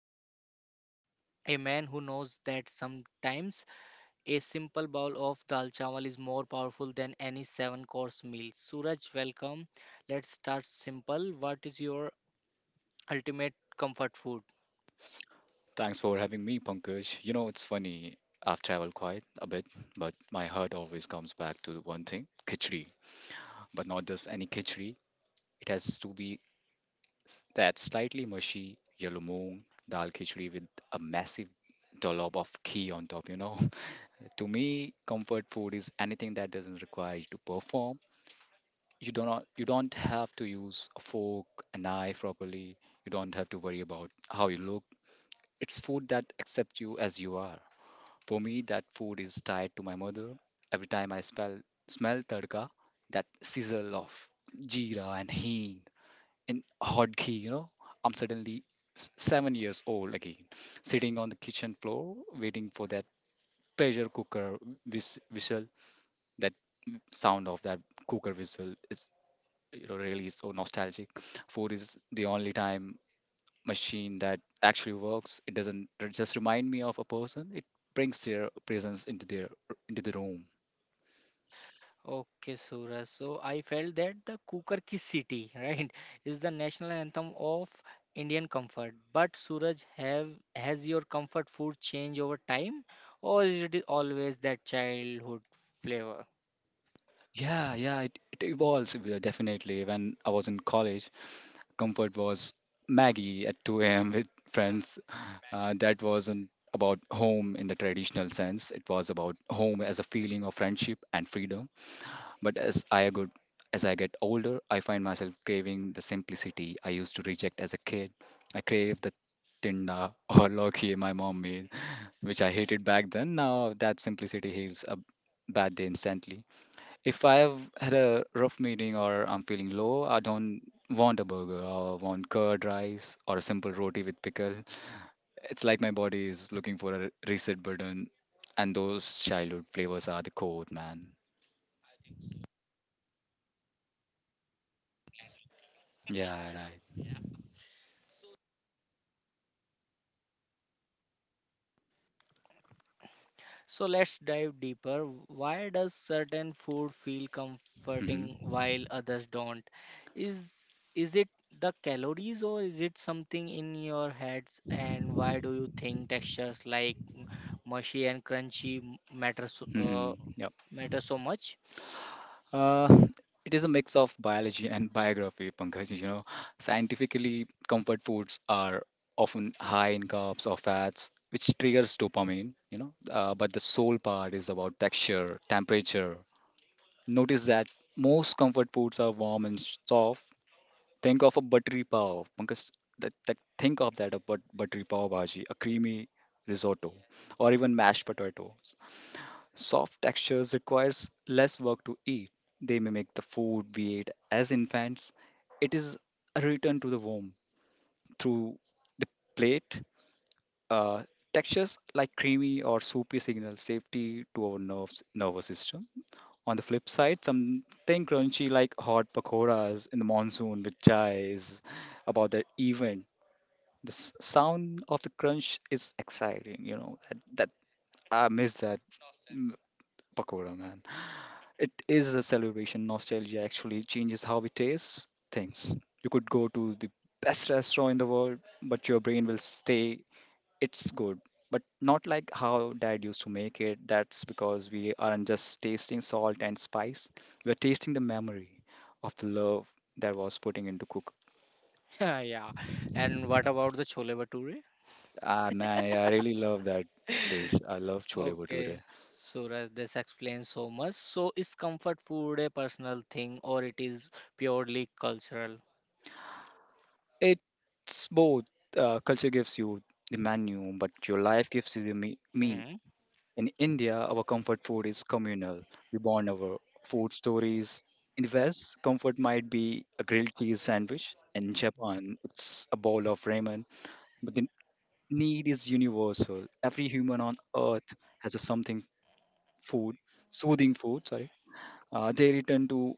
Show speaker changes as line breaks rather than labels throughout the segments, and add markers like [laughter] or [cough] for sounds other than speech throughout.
Suraj, a man who knows that sometimes a simple bowl of dal chawal is more powerful than any seven course meal. Suraj, welcome. Let's start simple. What is your ultimate comfort food?
Thanks for having me, Pankaj. You know, it's funny, I've traveled quite a bit, but my heart always comes back to one thing khichdi. But not just any khichdi, it has to be that slightly mushy yellow moong dal khichdi with a massive dollop of ghee on top, you know. [laughs] To me, comfort food is anything that doesn't require you to perform. You do not you don't have to use a fork, a knife properly. You don't have to worry about how you look. It's food that accepts you as you are. For me, that food is tied to my mother. Every time I smell tadka, that sizzle of jeera and heen and hot ghee, you know, I'm suddenly 7 years old again, sitting on the kitchen floor, waiting for that pressure whistle. That sound of that cooker whistle is, you know, really so nostalgic. Food is the only time machine that actually works. It doesn't just remind me of a person. It brings their presence into their into the room.
Okay, Suraj. So I felt that the Cooker Ki City, [laughs] right, is the national anthem of Indian comfort. But Suraj, have has your comfort food changed over time, or is it always that childhood flavor?
Yeah, yeah, it evolves, definitely. When I was in college, comfort was Maggie at 2 a.m. with friends. That wasn't about home in the traditional sense. It was about home as a feeling of friendship and freedom. But as I get older, I find myself craving the simplicity I used to reject as a kid. I crave the tinda [laughs] or loki my mom made, which I hated back then. Now that simplicity heals a bad day instantly. If I've had a rough meeting or I'm feeling low, I don't want a burger or want curd rice or a simple roti with pickle. It's like my body is looking for a reset button, and those childhood flavors are the code, man. Yeah, right.
So let's dive deeper. Why does certain food feel comforting
Hmm.
while others don't? Is it the calories or is it something in your heads? And why do you think textures like mushy and crunchy
Hmm. Yep.
matter so much?
Uh, it is a mix of biology and [laughs] biography, Pankaj. You know, scientifically, comfort foods are often high in carbs or fats, which triggers dopamine. You know, but the soul part is about texture, temperature. Notice that most comfort foods are warm and soft. Think of a buttery pav, Pankaj. Think of buttery pav bhaji, a creamy risotto, or even mashed potatoes. Soft textures requires less work to eat. They mimic the food we ate as infants. It is a return to the womb through the plate. Uh, Textures like creamy or soupy signal safety to our nervous system. On the flip side, something crunchy like hot pakoras in the monsoon with chai is about that event. The sound of the crunch is exciting. You know that I miss that, mm, pakora man. It is a celebration. Nostalgia actually changes how we taste things. You could go to the best restaurant in the world, but your brain will stay. It's good, but not like how dad used to make it. That's because we aren't just tasting salt and spice. We're tasting the memory of the love that was putting into cook.
[laughs] Yeah. And what about the chole bhature?
Ah man, yeah, I really love that dish.
[laughs]
I love chole bhature.
Okay, Suraj, this explains so much. So is comfort food a personal thing or it is purely cultural?
It's both. Culture gives you the menu, but your life gives you the meaning.
Hmm.
In India, our comfort food is communal. We bond over food stories. In the West, comfort might be a grilled cheese sandwich. In Japan, it's a bowl of ramen. But the need is universal. Every human on earth has a something food, soothing food, sorry. They return to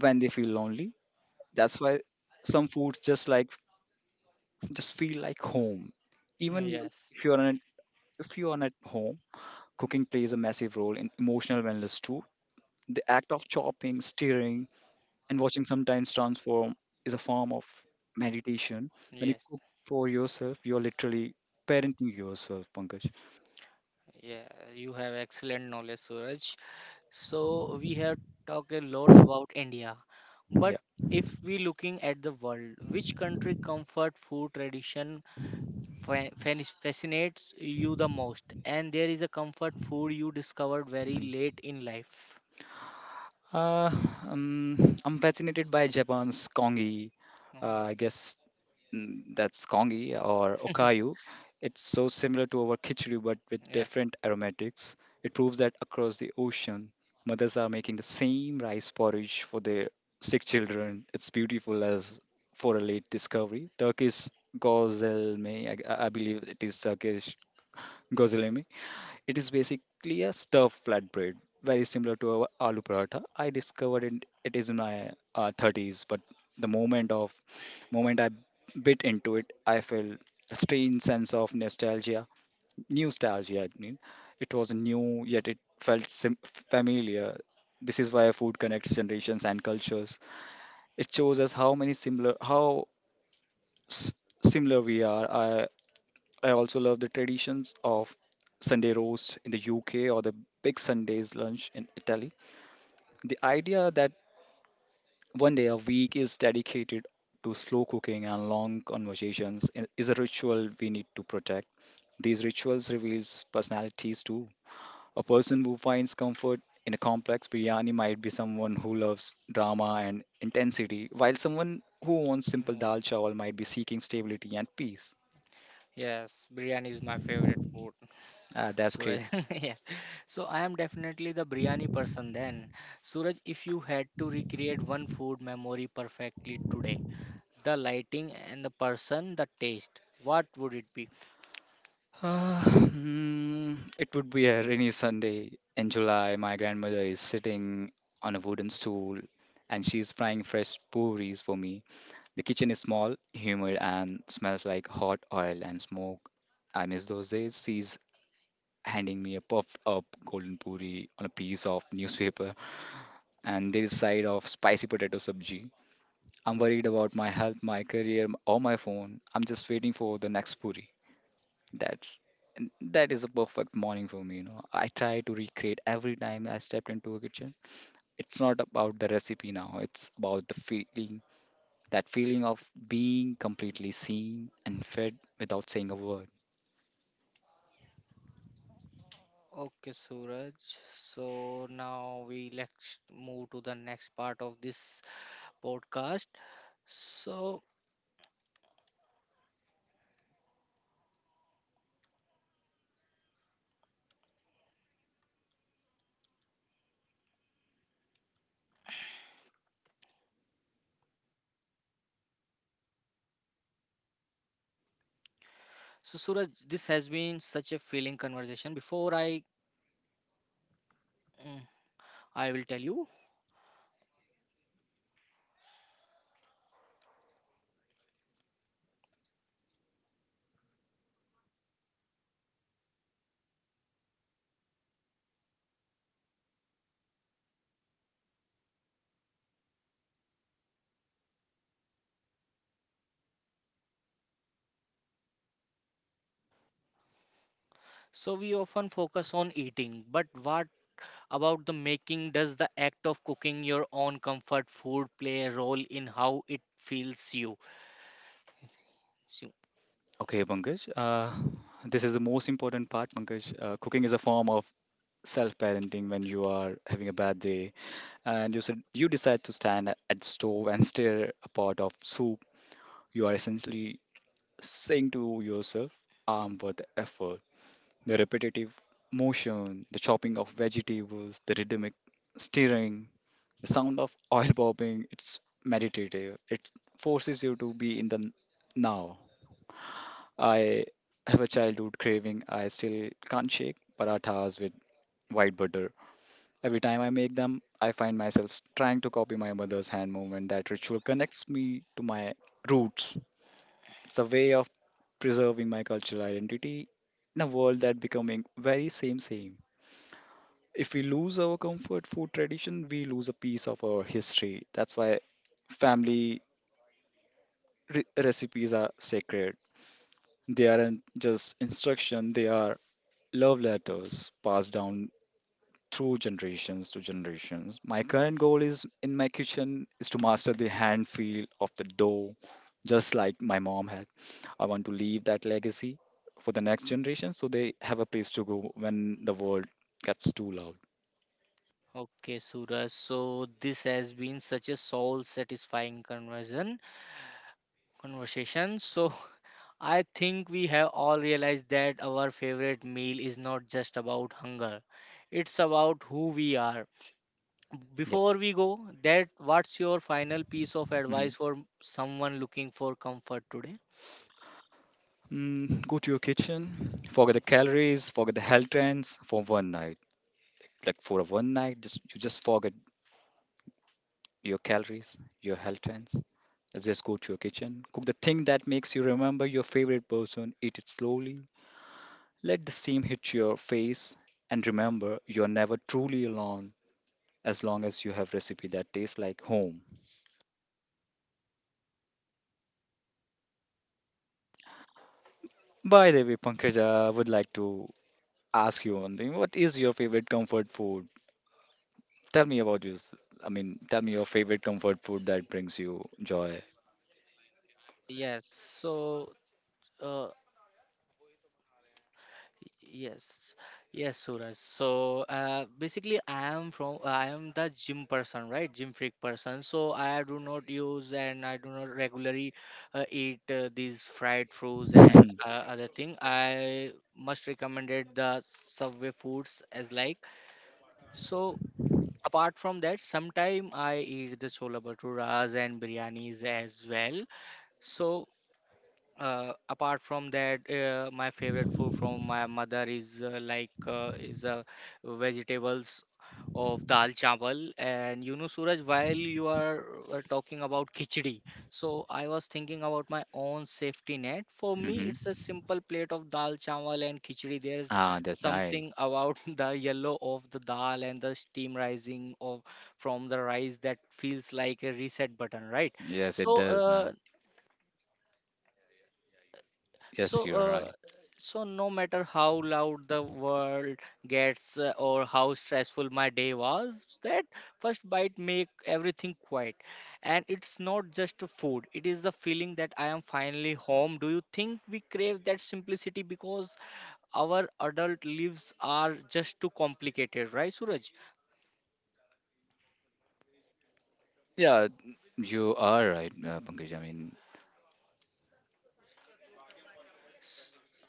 when they feel lonely. That's why some foods just feel like home. Even
Yes.
if you're on if you're not at home, cooking plays a massive role in emotional wellness too. The act of chopping, stirring, and watching sometimes transform is a form of meditation. When you
Yes.
cook for yourself, you're literally parenting yourself, Pankaj.
Yeah, you have excellent knowledge, Suraj. So we have talked a lot about India, but
Yeah.
if we looking at the world, which country comfort food tradition fascinates you the most? And there is a comfort food you discovered very
Mhm.
late in life.
Uh, I'm fascinated by Japan's kongi.
Oh,
I guess, mm, that's kongi or okayu. It's so similar to our khichdi but with
yeah.
different aromatics. It proves that across the ocean, mothers are making the same rice porridge for their sick children. It's beautiful as for a late discovery. Turkish gozelme, I believe it is Turkish gozelme, it is basically a stuffed flatbread, very similar to our aloo paratha. I discovered it, it is in my 30s, but the moment of moment I bit into it, I felt a strange sense of nostalgia. I mean, it was new yet it felt familiar. This is why food connects generations and cultures. It shows us how s- similar we are. I also love the traditions of Sunday roast in the UK or the big Sundays lunch in Italy. The idea that one day a week is dedicated to slow cooking and long conversations is a ritual we need to protect. These rituals reveals personalities too. A person who finds comfort in a complex biryani might be someone who loves drama and intensity, while someone who wants simple
Yeah.
dal chawal might be seeking stability and peace.
Yes, biryani is my favorite food.
Ah, that's great.
Suraj, [laughs] yeah. So I am definitely the biryani person then. Suraj, if you had to recreate one food memory perfectly today, the lighting and the person, the taste, what would it be?
It would be a rainy Sunday in July. My grandmother is sitting on a wooden stool and she's frying fresh puris for me. The kitchen is small, humid, and smells like hot oil and smoke. I miss those days. She's handing me a puffed up golden puri on a piece of newspaper, and there is side of spicy potato sabji. I'm worried about my health, my career, or my phone. I'm just waiting for the next puri. That's that is a perfect morning for me, you know. I try to recreate every time I stepped into a kitchen. It's not about the recipe now, it's about the feeling, that feeling of being completely seen and fed without saying a word.
Okay, Suraj. So now we let's move to the next part of this podcast. So, so Suraj, this has been such a feeling conversation. Before I, mm, I will tell you. So we often focus on eating, but what about the making. Does the act of cooking your own comfort food play a role in how it feels you? So-
Okay, Pankaj, this is the most important part, Pankaj. Cooking is a form of self-parenting when you are having a bad day and you said you decide to stand at the stove and stir a pot of soup. You are essentially saying to yourself, armed with the effort, the repetitive motion, the chopping of vegetables, the rhythmic stirring, the sound of oil popping, it's meditative. It forces you to be in the now. I have a childhood craving. I still can't shake parathas with white butter. Every time I make them, I find myself trying to copy my mother's hand movement. That ritual connects me to my roots. It's a way of preserving my cultural identity in a world that becoming very same same. If we lose our comfort food tradition, we lose a piece of our history. That's why family recipes are sacred. They aren't just instruction, they are love letters passed down through generations to generations. My current goal is in my kitchen is to master the hand feel of the dough, just like my mom had. I want to leave that legacy for the next generation so they have a place to go when the world gets too loud.
Okay, Suraj. So this has been such a soul satisfying conversion conversation. So [laughs] I think we have all realized that our favorite meal is not just about hunger. It's about who we are.
Yeah.
Before we go, that what's your final piece of
Mhm.
advice for someone looking for comfort today?
Mm, go to your kitchen, forget the calories, forget the health trends for one night. Like for a one night, just forget your calories, your health trends. Let's just go to your kitchen. Cook the thing that makes you remember your favorite person. Eat it slowly. Let the steam hit your face. And remember, you are never truly alone as long as you have recipe that tastes like home. By the way, Pankaj, I would like to ask you one thing. What is your favorite comfort food? Tell me about yours. I mean, tell me your favorite comfort food that brings you joy.
Yes, so uh, Yes, yes, Suraj. So basically, I am from I am the gym person, right? Gym freak person. So I do not use and I do not regularly eat these fried foods and
[laughs]
other thing. I must recommended the Subway foods as like. So apart from that, sometime I eat the chola bhaturas and biryanis as well. So apart from that my favorite food from my mother is vegetables of dal chawal. And you know Suraj, while you are talking about khichdi, so I was thinking about my own safety net. For me,
Hmm.
it's a simple plate of dal chawal and khichdi. There is
Ah, that's
something
nice.
about [laughs] the yellow of the dal and the steam rising of from the rice that feels like a reset button, right?
Yes, it
So
does, man. Yes,
So,
you are
uh,
right.
so no matter how loud the world gets or how stressful my day was, that first bite make everything quiet. And it's not just the food; it is the feeling that I am finally home. Do you think we crave that simplicity because our adult lives are just too complicated, right, Suraj?
Yeah, you are right, Pankaj. I mean,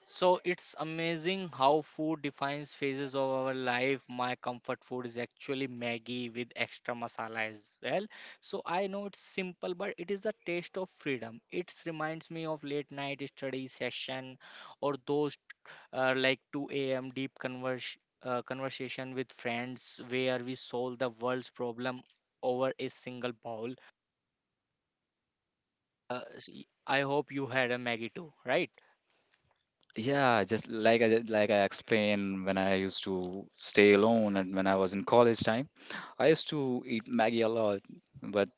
So it's amazing how food defines phases of our life. My comfort food is actually Maggie with extra masala as well. So I know it's simple, but it is the taste of freedom. It reminds me of late night study session or those like 2 a.m. deep conversation with friends where we solve the world's problem over a single bowl. Uh, s- I hope you had a Maggie too, right?
yeah, just like I explained when I used to stay alone and when I was in college time, I used to eat Maggie a lot, but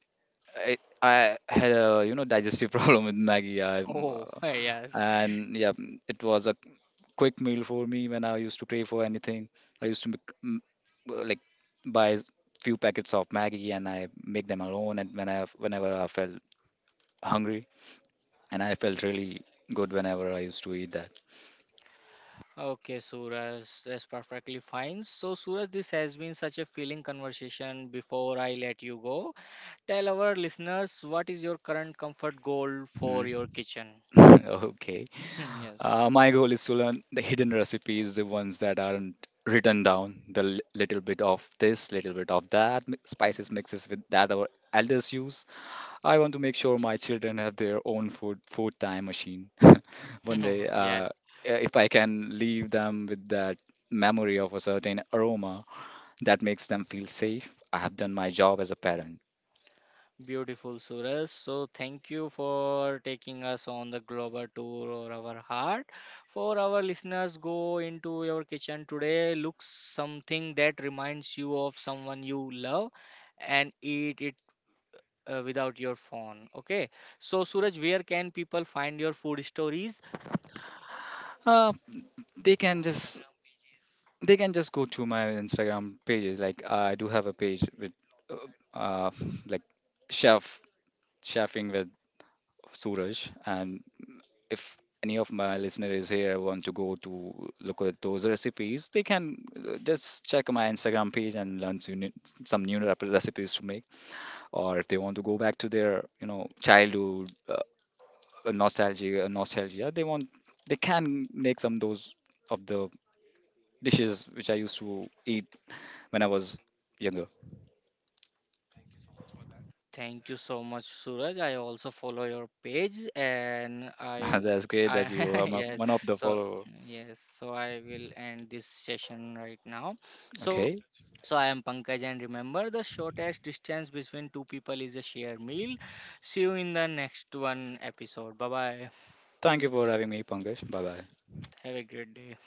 I had a, you know, digestive [laughs] problem with Maggie. I
Oh, [laughs] yes.
and yeah, mm, it was a quick meal for me when I used to crave for anything I used to make, mm, like buy s- few packets of Maggie and I make them alone and whenever I felt hungry and I felt really good whenever I used to eat that.
Okay, Suraj, that's perfectly fine. So, Suraj, this has been such a feeling conversation. Before I let you go, tell our listeners what is your current comfort goal
Mhm.
for your kitchen?
[laughs] Okay.
[laughs] Yes.
My goal is to learn the hidden recipes, the ones that aren't written down, the little bit of this little bit of that spices
Yes.
mixes with that our elders use. I want to make sure my children have their own food time machine [laughs] one day.
[laughs] Yes.
If I can leave them with that memory of a certain aroma that makes them feel safe, I have done my job as a parent.
Beautiful, Suraj. So, thank you for taking us on the global tour of our heart. For our listeners, go into your kitchen today, look something that reminds you of someone you love and eat it without your phone. Okay. So, Suraj, where can people find your food stories?
Uh, they can just go to my Instagram pages. Like, I do have a page with uh, uh, like chef chefing with Suraj, and if any of my listener is here want to go to look at those recipes, they can just check my Instagram page and learn to new, some new recipes to make. Or if they want to go back to their, you know, childhood nostalgia, they can make some those of the dishes which I used to eat when I was younger.
Thank you so much, Suraj. I also follow your page and
[laughs] That's great
I,
that you are
[laughs]
my,
yes.
one of the
So,
follower.
yes. So, I will end this session right now. So,
Okay,
so I am Pankaj and remember the shortest distance between two people is a shared meal. See you in the next one episode. Bye bye.
thank you for having me, Pankaj. Bye bye.
Have a great day.